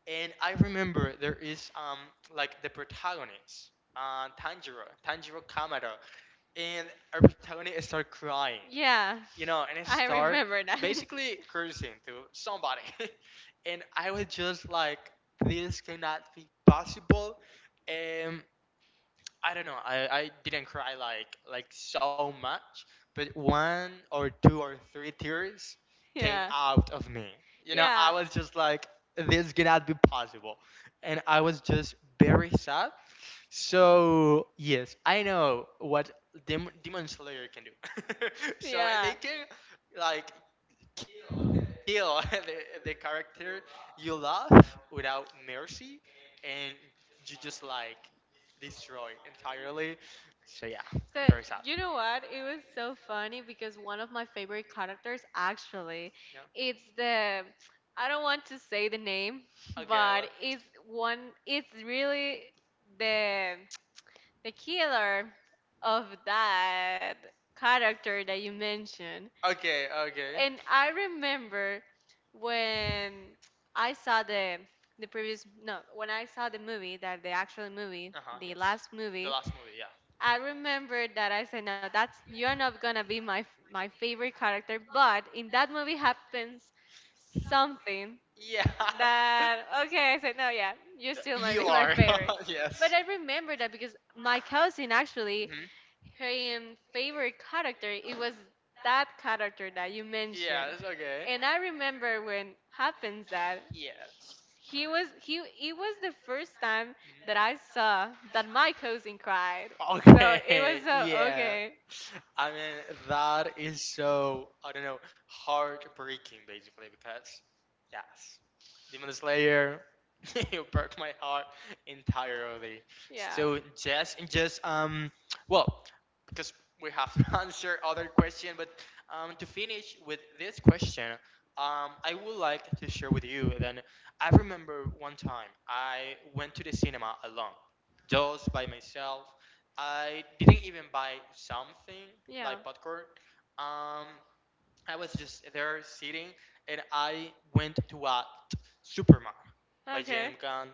Speaker 1: and I remember there is like the protagonist, Tanjiro, Tanjiro Kamado, and our protagonist start crying,
Speaker 2: Yeah.
Speaker 1: you know, and I
Speaker 2: I
Speaker 1: start
Speaker 2: remember that.
Speaker 1: basically cursing to somebody, and I was just like, this cannot be possible, um, I don't know. I didn't cry like so much, but one or two or three tears came
Speaker 2: Yeah.
Speaker 1: out of me. You know, I
Speaker 2: Yeah.
Speaker 1: was just like, this cannot be possible, and I was just very sad. So yes, I know what Demon Slayer can do.
Speaker 2: Yeah.
Speaker 1: So they can like kill the character you love without mercy, and you just like destroy entirely. So yeah,
Speaker 2: So
Speaker 1: very
Speaker 2: you
Speaker 1: sad.
Speaker 2: know what? It was so funny because one of my favorite characters actually, it's
Speaker 1: Yeah.
Speaker 2: the I don't want to say the name, but
Speaker 1: Okay.
Speaker 2: it's
Speaker 1: let-
Speaker 2: one. It's really the the killer of that character that you mentioned.
Speaker 1: okay
Speaker 2: And
Speaker 1: Okay.
Speaker 2: I remember when I saw the previous, no, when I saw the movie, that the actual movie,
Speaker 1: Uh-huh.
Speaker 2: the
Speaker 1: Yes.
Speaker 2: last movie,
Speaker 1: The last movie. Yeah.
Speaker 2: I remember that I said, "No, that's you're not gonna be my favorite character." But in that movie happens something
Speaker 1: Yeah.
Speaker 2: that, okay, I said, "No, yeah, you still might be
Speaker 1: You
Speaker 2: my
Speaker 1: are.
Speaker 2: favorite." But
Speaker 1: Yes.
Speaker 2: I remember that because my cousin actually,
Speaker 1: Mm-hmm.
Speaker 2: her favorite character, it was that character that you mentioned.
Speaker 1: Yes, okay.
Speaker 2: And I remember when happens that
Speaker 1: Yes.
Speaker 2: he was he it was the first time that I saw that my cousin cried.
Speaker 1: Mhm.
Speaker 2: So it
Speaker 1: Okay.
Speaker 2: was so
Speaker 1: Yeah.
Speaker 2: okay.
Speaker 1: I mean, that is so, I don't know, heartbreaking basically, because yes, Demon Slayer, you broke my heart entirely.
Speaker 2: Yeah.
Speaker 1: So well, because we have to answer other question, but, to finish with this question, I would like to share with you, then I remember one time I went to the cinema alone, just by myself. I didn't even buy something
Speaker 2: Yeah.
Speaker 1: like popcorn. Um, I was just there sitting, and I went to watch Superman by
Speaker 2: Okay.
Speaker 1: James Gunn.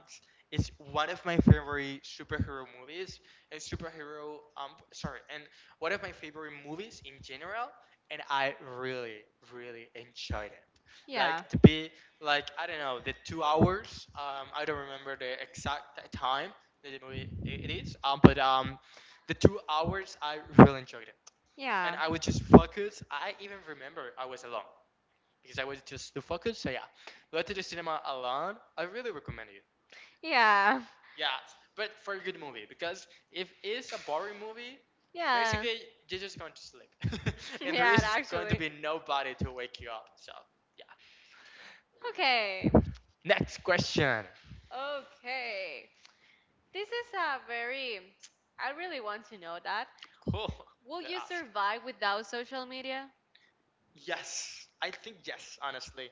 Speaker 1: It's one of my favorite superhero movies, and superhero sorry, and one of my favorite movies in general. And I really, really enjoyed it.
Speaker 2: Yeah.
Speaker 1: Like to be like I don't know the 2 hours. I don't remember the exact time that the movie it is. But the 2 hours I really enjoyed, and
Speaker 2: Yeah.
Speaker 1: I would just focus. I even remember I was alone because I was just too focused. So yeah, go to the cinema alone. I really recommend you.
Speaker 2: Yeah.
Speaker 1: Yeah, but for a good movie, because if it's a boring movie,
Speaker 2: Yeah.
Speaker 1: basically you're just going to sleep, and there
Speaker 2: Yeah,
Speaker 1: is going to
Speaker 2: actually.
Speaker 1: be nobody to wake you up. So yeah.
Speaker 2: Okay.
Speaker 1: Next question.
Speaker 2: Okay. This is a very I really want to know that.
Speaker 1: Cool.
Speaker 2: Will
Speaker 1: That
Speaker 2: you
Speaker 1: ask.
Speaker 2: survive without social media?
Speaker 1: Yes, I think yes. Honestly.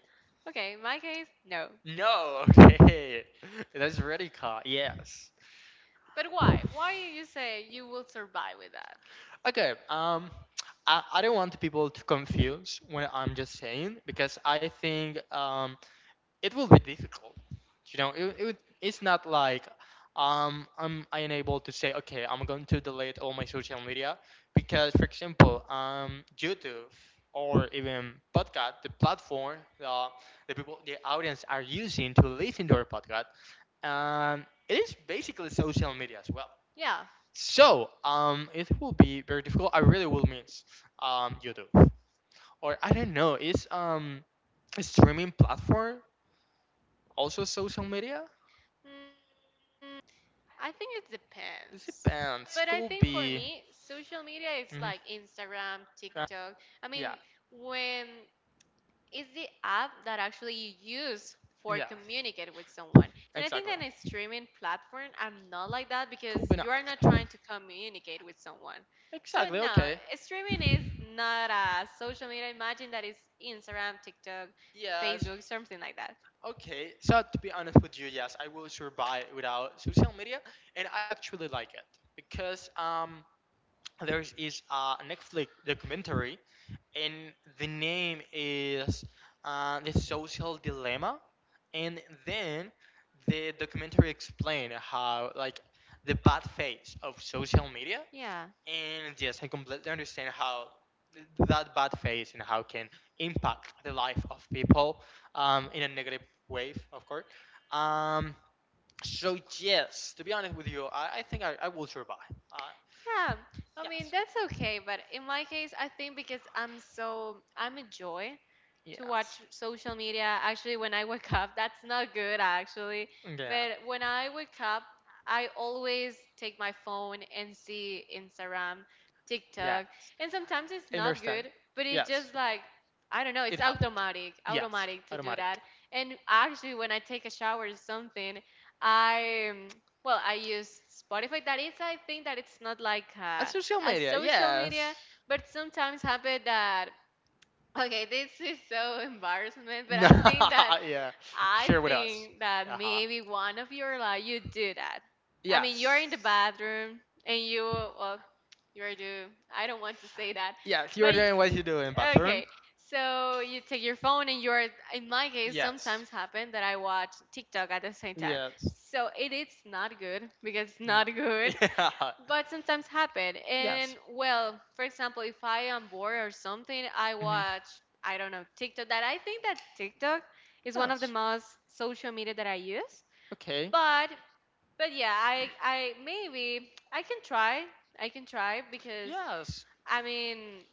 Speaker 2: Okay, in my case, no.
Speaker 1: No. Okay. That's really cool. Yes.
Speaker 2: But why? Why you say you will survive with that?
Speaker 1: Okay. I don't want people to confuse what I'm just saying, because I think, it will be difficult. You know, it's not like, I'm unable to say, okay, I'm going to delete all my social media because, for example, YouTube, or even podcast, the platform, the people, the audience are using to listen to our podcast, it is basically social media as well.
Speaker 2: Yeah.
Speaker 1: So it will be very difficult. I really will miss YouTube, or I don't know. Is a streaming platform also social media?
Speaker 2: Mm, I think it
Speaker 1: It
Speaker 2: depends. But
Speaker 1: depends.
Speaker 2: I think
Speaker 1: Could
Speaker 2: for
Speaker 1: be.
Speaker 2: me, social media is
Speaker 1: Hmm.
Speaker 2: like Instagram,
Speaker 1: Uh,
Speaker 2: TikTok. I
Speaker 1: yeah.
Speaker 2: mean, when it's the app that actually you use for
Speaker 1: Yeah.
Speaker 2: communicate with someone. And I think
Speaker 1: Exactly.
Speaker 2: that in a streaming platform, I'm not like that
Speaker 1: Could
Speaker 2: because
Speaker 1: be not.
Speaker 2: you are not trying to communicate with someone. So
Speaker 1: Exactly.
Speaker 2: no,
Speaker 1: Okay.
Speaker 2: streaming is not a social media. Imagine that is Instagram, TikTok,
Speaker 1: Yes.
Speaker 2: Facebook, something like that.
Speaker 1: Okay. So to be honest with you, yes, I will survive without social media, and I actually like it because there is a Netflix documentary, and the name is The Social Dilemma. And then the documentary explained how like the bad face of social media,
Speaker 2: Yeah.
Speaker 1: and yes, I completely understand how that bad face and how can impact the life of people, in a negative way, of course. um, so yes, to be honest with you, I think I will survive. uh,
Speaker 2: Yeah. I mean,
Speaker 1: yes.
Speaker 2: that's okay, but in my case, I think because I'm a joy to
Speaker 1: Yes.
Speaker 2: watch social media. Actually, when I wake up, that's not good actually.
Speaker 1: Yeah.
Speaker 2: But when I wake up, I always take my phone and see Instagram, TikTok,
Speaker 1: Yes.
Speaker 2: and sometimes it's
Speaker 1: I
Speaker 2: not
Speaker 1: understand.
Speaker 2: good, but it's
Speaker 1: Yes.
Speaker 2: just like I don't know,
Speaker 1: It
Speaker 2: it's
Speaker 1: happened.
Speaker 2: automatic,
Speaker 1: Yes.
Speaker 2: automatic to do
Speaker 1: Automatic.
Speaker 2: that. And actually, when I take a shower or something, I well, I use Spotify. That is, I think that it's not like
Speaker 1: At social
Speaker 2: a
Speaker 1: media,
Speaker 2: social
Speaker 1: yes.
Speaker 2: media, but sometimes happen that, okay, this is so embarrassment, but
Speaker 1: No.
Speaker 2: I think that
Speaker 1: Yeah.
Speaker 2: I
Speaker 1: Share with us.
Speaker 2: think that
Speaker 1: Uh huh.
Speaker 2: maybe one of your life you do that. I mean,
Speaker 1: Yes.
Speaker 2: you're in the bathroom and you, well, you're do. I don't want to say that,
Speaker 1: Yes,
Speaker 2: but
Speaker 1: you're doing what you're doing, bathroom.
Speaker 2: okay. So you take your phone and you're. In my case,
Speaker 1: Yes.
Speaker 2: sometimes happen that I watch TikTok at the same time.
Speaker 1: Yes.
Speaker 2: So it is not good because it's not good,
Speaker 1: Mm.
Speaker 2: but sometimes happen.
Speaker 1: Yeah.
Speaker 2: And
Speaker 1: Yes.
Speaker 2: well, for example, if I am bored or something, I
Speaker 1: Hmm.
Speaker 2: watch, I don't know, TikTok. That I think that TikTok is one of the
Speaker 1: Yes.
Speaker 2: most social media that I use.
Speaker 1: Okay.
Speaker 2: But but yeah, I maybe I can try. I can try because
Speaker 1: Yes.
Speaker 2: I mean,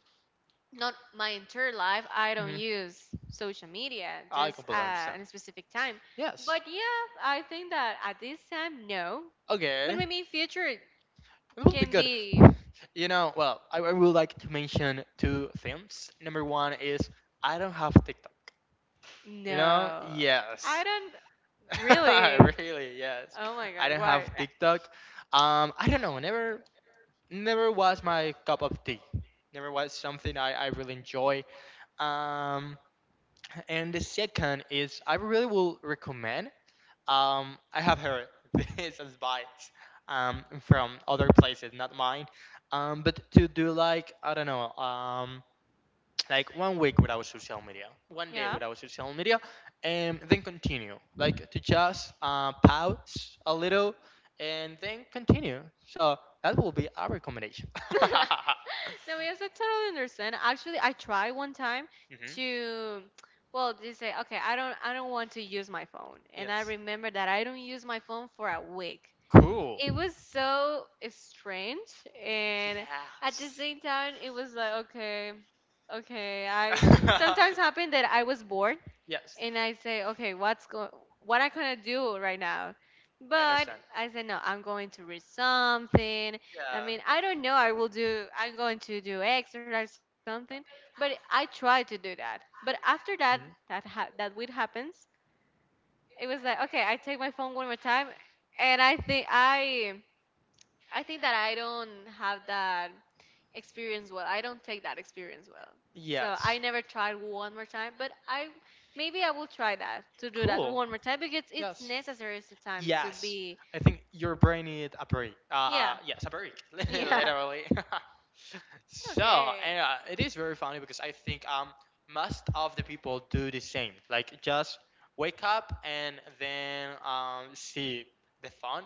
Speaker 2: not my entire life I don't
Speaker 1: Hmm.
Speaker 2: use social media,
Speaker 1: I
Speaker 2: just
Speaker 1: completely understand.
Speaker 2: in a specific time.
Speaker 1: Yes.
Speaker 2: But yeah, I think that at this time no, but
Speaker 1: Okay.
Speaker 2: maybe in future it
Speaker 1: It will be
Speaker 2: can
Speaker 1: good.
Speaker 2: be.
Speaker 1: I would like to mention two things. Number one is I don't have TikTok. You know,
Speaker 2: No.
Speaker 1: yes,
Speaker 2: I don't really.
Speaker 1: really, yes.
Speaker 2: Oh my
Speaker 1: I
Speaker 2: god,
Speaker 1: don't
Speaker 2: why?
Speaker 1: have TikTok. I don't know. Never, never was my cup of tea. Never was something I really enjoy. Um, and the second is I really will recommend. I have heard this advice from other places, not mine. But to do like I don't know, like one week without social media, one day
Speaker 2: Yeah.
Speaker 1: without social media, and then continue. Like to just pause a little and then continue. So that will be our recommendation.
Speaker 2: No, yes, I totally understand. Actually, I tried one time
Speaker 1: Hmm.
Speaker 2: to, well, they say, okay, I don't want to use my phone, and I
Speaker 1: Yes.
Speaker 2: remember that I don't use my phone for a week.
Speaker 1: Cool.
Speaker 2: It was so strange, and at the
Speaker 1: Yes.
Speaker 2: same time it was like, okay, okay, I sometimes happened that I was bored
Speaker 1: Yes.
Speaker 2: and I say, okay, what I gonna do right now.
Speaker 1: I
Speaker 2: But
Speaker 1: understand.
Speaker 2: I said, no, I'm going to read something. I mean, I don't know, I'm going to do exercise or like something. But I try to do that. But after that
Speaker 1: Yeah. Mhm.
Speaker 2: that would happens, it was like, okay, I take my phone one more time, and I think that I don't have that experience well. I don't take that experience well. So I
Speaker 1: Yes.
Speaker 2: never tried one more time, but I maybe I will try that to do that
Speaker 1: Cool.
Speaker 2: one more time because it's
Speaker 1: Yes.
Speaker 2: necessary sometimes to
Speaker 1: Yes.
Speaker 2: be.
Speaker 1: I think your brain needed a break.
Speaker 2: Yeah.
Speaker 1: Yes, a break,
Speaker 2: Yeah.
Speaker 1: literally. So,
Speaker 2: Okay.
Speaker 1: and it is very funny because I think most of the people do the same. Like just wake up and then see the phone.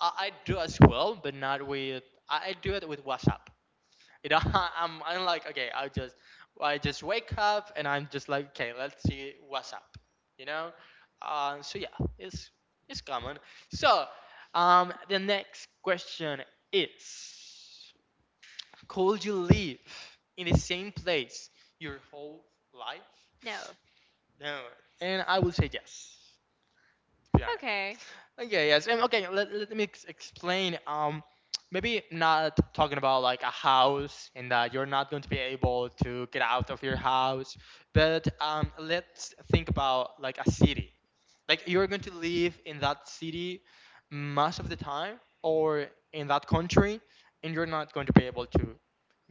Speaker 1: I do as well, but not with. I do it with WhatsApp. It I'm like okay, I just wake up and I'm just like okay, let's see what's up, you know. So yeah, it's common. So the next question is, could you live in the same place your whole life?
Speaker 2: No.
Speaker 1: No, and I will say yes, to be honest.
Speaker 2: Okay.
Speaker 1: Okay, yes. Okay, let me explain. Maybe not talking about like a house and that you're not going to be able to get out of your house, but let's think about like a city. Like you're going to live in that city most of the time or in that country, and you're not going to be able to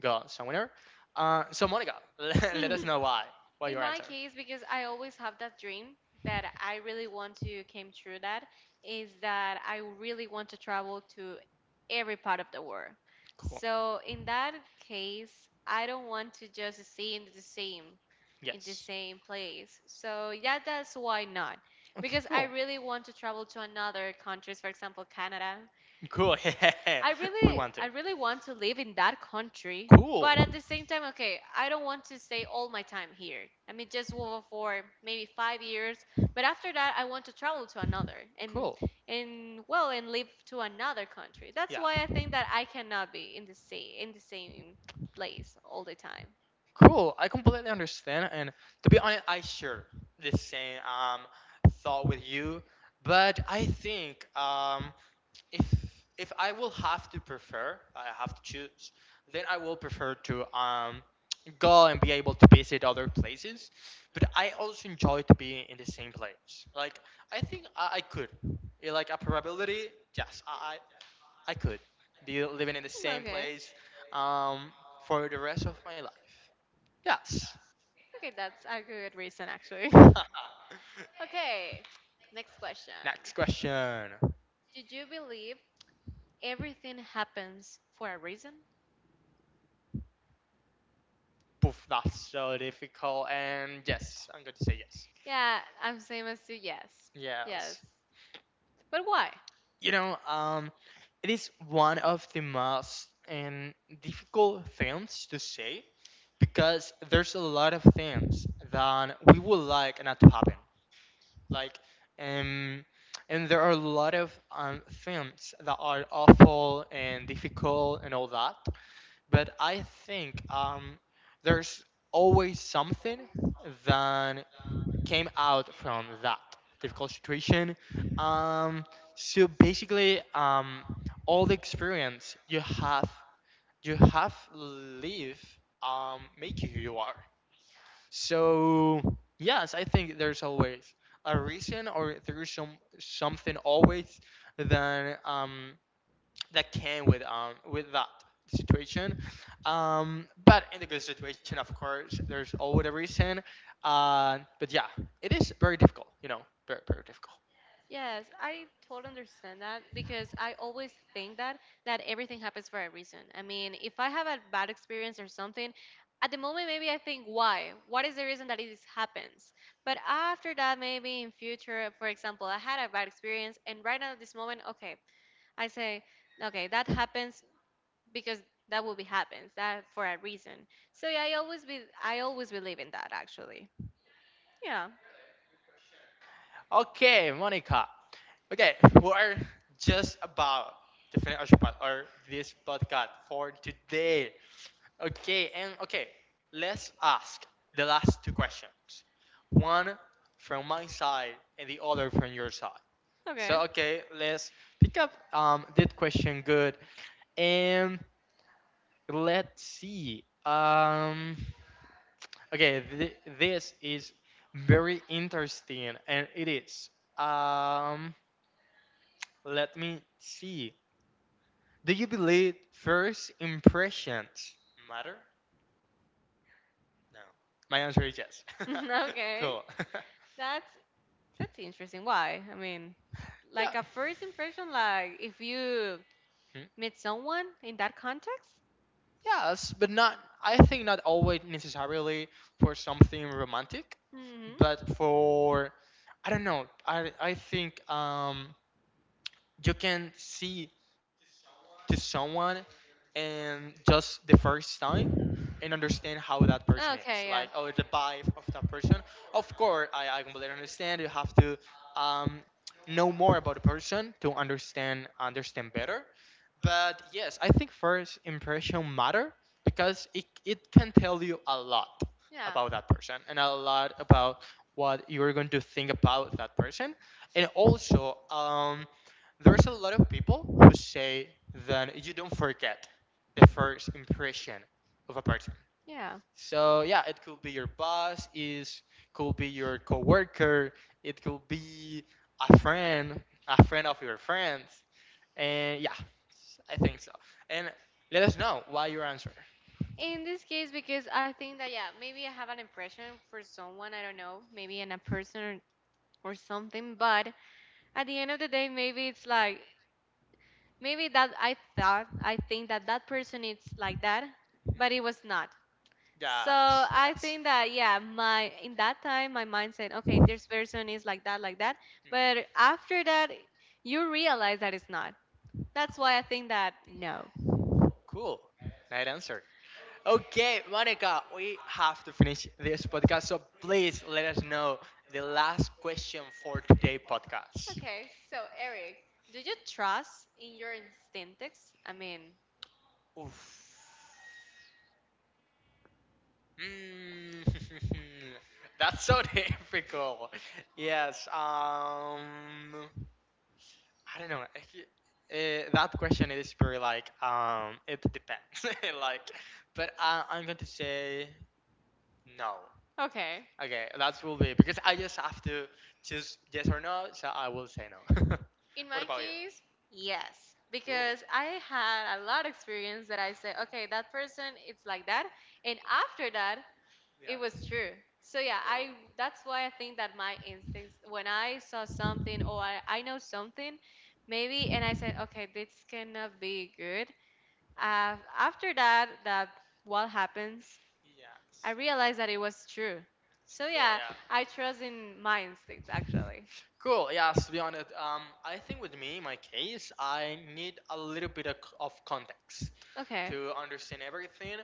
Speaker 1: go somewhere. So Monica, let
Speaker 2: Mm.
Speaker 1: us know why. What
Speaker 2: In
Speaker 1: your
Speaker 2: my
Speaker 1: answer?
Speaker 2: case, because I always have that dream that I really want to came true, that is that I really want to travel to every part of the world.
Speaker 1: Cool.
Speaker 2: So in that case, I don't want to just stay in the same in the
Speaker 1: Yes.
Speaker 2: same place. So yeah, that's why not.
Speaker 1: Okay,
Speaker 2: Because I
Speaker 1: cool.
Speaker 2: really want to travel to another countries, for example, Canada.
Speaker 1: Cool. Yeah.
Speaker 2: I
Speaker 1: We
Speaker 2: really
Speaker 1: want to.
Speaker 2: I really want to live in that country,
Speaker 1: Cool.
Speaker 2: but at the same time, okay, I don't want to stay all my time here. I mean, just for maybe 5 years, but after that, I want to travel to another and
Speaker 1: Cool.
Speaker 2: and well, and live to another country. That's
Speaker 1: Yeah.
Speaker 2: why I think that I cannot be in the same place all the time.
Speaker 1: Cool. I completely understand, and to be honest, I share the same thought with you, but I think if I will have to prefer, I have to choose, then I will prefer to go and be able to visit other places. But I also enjoy to be in the same place. Like I think I could, like a probability, yes, I I could be
Speaker 2: Hmm.
Speaker 1: living in the
Speaker 2: Okay.
Speaker 1: same place um for the rest of my life. Yes.
Speaker 2: Okay, that's a good reason actually. Okay, next question.
Speaker 1: Next question.
Speaker 2: Did you believe everything happens for a reason?
Speaker 1: Poof, that's so difficult. And yes, I'm going to say yes.
Speaker 2: Yeah, I'm same as you. Yes, yes.
Speaker 1: Yes.
Speaker 2: But why?
Speaker 1: You know, um, it is one of the most and difficult things to say because there's a lot of things that we would like not to happen. Like, um, and there are a lot of things that are awful and difficult and all that. But I think there's always something that came out from that difficult situation. Um, so basically, all the experience you have live make you who you are. So yes, I think there's always a reason or there's some something always than that came with that situation. But in the good situation, of course, there's always a reason. But yeah, it is very difficult. You know, very very difficult.
Speaker 2: Yes, I totally understand that because I always think that everything happens for a reason. I mean, if I have a bad experience or something, at the moment maybe I think why? What is the reason that this happens? But after that, maybe in future, for example, I had a bad experience, and right now at this moment, okay, I say, okay, that happens because that will be happens that for a reason. So yeah, I always believe in that actually. Yeah.
Speaker 1: Okay, Monica. Okay, we're just about to finish our our this podcast for today. Okay, and okay, let's ask the last two questions. One from my side and the other from your side. So
Speaker 2: Okay.
Speaker 1: okay, let's pick up that question good and let's see. Okay, this is very interesting and it is. Um let me see. Do you believe first impressions matter?
Speaker 2: No.
Speaker 1: No. My answer is yes.
Speaker 2: Okay,
Speaker 1: Cool.
Speaker 2: that's that's interesting. Why? I mean,
Speaker 1: Yeah.
Speaker 2: like a first impression, like if you
Speaker 1: Hmm?
Speaker 2: meet someone in that context.
Speaker 1: Yes, but not I think not always necessarily for something romantic,
Speaker 2: Hmm.
Speaker 1: but for I don't know. I think you can see to someone and just the first time and understand how that person is, like oh
Speaker 2: Okay.
Speaker 1: the
Speaker 2: Yeah.
Speaker 1: vibe of that person. Of course, I completely understand you have to um, know more about a person to understand better, but yes, I think first impression matter because it can tell you a lot
Speaker 2: Yeah.
Speaker 1: about that person and a lot about what you're going to think about that person, and also there's a lot of people who say that you don't forget the first impression of a person.
Speaker 2: Yeah.
Speaker 1: So yeah, it could be your boss, is could be your coworker, it could be a friend, a friend of your friends, and yeah, I think so. And let us know why your answer.
Speaker 2: In this case, because I think that, yeah, maybe I have an impression for someone, I don't know, maybe in a person or something, but at the end of the day, maybe it's like, maybe that I thought, I think that that person is like that, but it was not. So
Speaker 1: Yeah.
Speaker 2: I think that, yeah, in that time, my mind said, okay,
Speaker 1: Mhm.
Speaker 2: this person is like that, but after that, you realize that it's not. That's why I think that no.
Speaker 1: Cool, nice answer. Okay, Monica, we have to finish this podcast, so please let us know the last question for today podcast.
Speaker 2: Okay, so Eric, do you trust in your instincts? I mean,
Speaker 1: Oof. Mm, that's so difficult. Yes. I don't know. That question is very like it depends. Like, but I'm going to say no.
Speaker 2: okay,
Speaker 1: Okay, that will be because I just have to choose yes or no, so I will say no.
Speaker 2: in
Speaker 1: What
Speaker 2: my
Speaker 1: about you?
Speaker 2: case, yes,
Speaker 1: Cool.
Speaker 2: because I had a lot of experience that I said, okay, that person it's like that, and after that, it
Speaker 1: Yeah.
Speaker 2: was true. So yeah,
Speaker 1: Cool.
Speaker 2: I that's why I think that my instincts when I saw something or I know something, maybe, and I said, okay, this cannot be good. After that, that what happens
Speaker 1: Yes.
Speaker 2: I realized that it was true. So
Speaker 1: Cool.
Speaker 2: yeah,
Speaker 1: Yeah.
Speaker 2: I trust in my instincts actually.
Speaker 1: Cool. Yeah. To be honest, I think with me, in my case, I need a little bit of context
Speaker 2: Okay.
Speaker 1: to understand everything,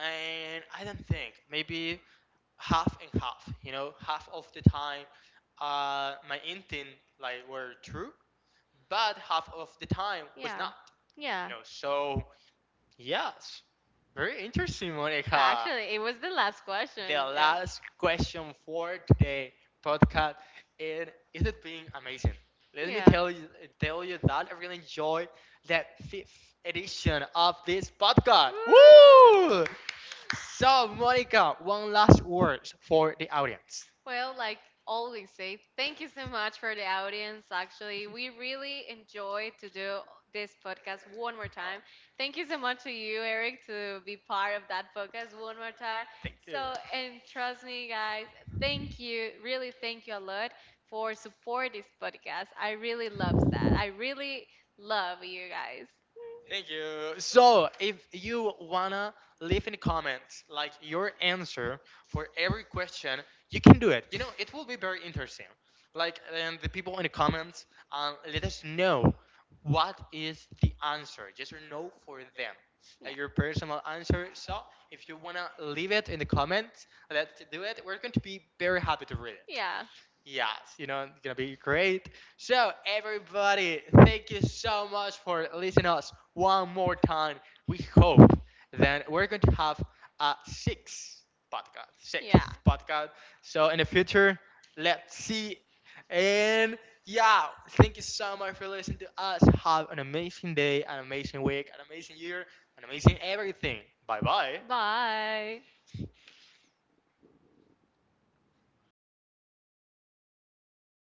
Speaker 1: and I don't think maybe half and half. You know, half of the time, my intent like were true, but half of the time was
Speaker 2: Yeah.
Speaker 1: not. You
Speaker 2: Yeah.
Speaker 1: know, so yes, very interesting, Monica.
Speaker 2: Actually, it was the last
Speaker 1: The
Speaker 2: question. Yeah.
Speaker 1: last question for today podcast, and is it being amazing? Let me
Speaker 2: Yeah.
Speaker 1: tell you, that I really enjoyed that fifth edition of this podcast.
Speaker 2: Woo!
Speaker 1: Woo! So, Monica, one last words for the audience.
Speaker 2: Well, like always say, thank you so much for the audience. Actually, we really enjoy to do this podcast one more time. Thank you so much to you, Eric, to be part of that podcast one more time.
Speaker 1: Thank you.
Speaker 2: So, and trust me, guys, thank you, really thank you a lot for support this podcast. I really love that. I really love you guys.
Speaker 1: Thank you. So, if you wanna leave in the comments like your answer for every question, you can do it. You know, it will be very interesting. Like, and the people in the comments, let us know what is the answer, yes or no, for them. Like
Speaker 2: Yeah.
Speaker 1: your personal answer. So, if you wanna leave it in the comments, let's do it. We're going to be very happy to read it.
Speaker 2: Yeah.
Speaker 1: Yes, you know, it's gonna be great. So, everybody, thank you so much for listening to us one more time. We hope that we're going to have a sixth podcast, sixth
Speaker 2: Yeah.
Speaker 1: podcast. So, in the future, let's see. And yeah, thank you so much for listening to us. Have an amazing day, an amazing week, an amazing year, an amazing everything. Bye bye.
Speaker 2: Bye.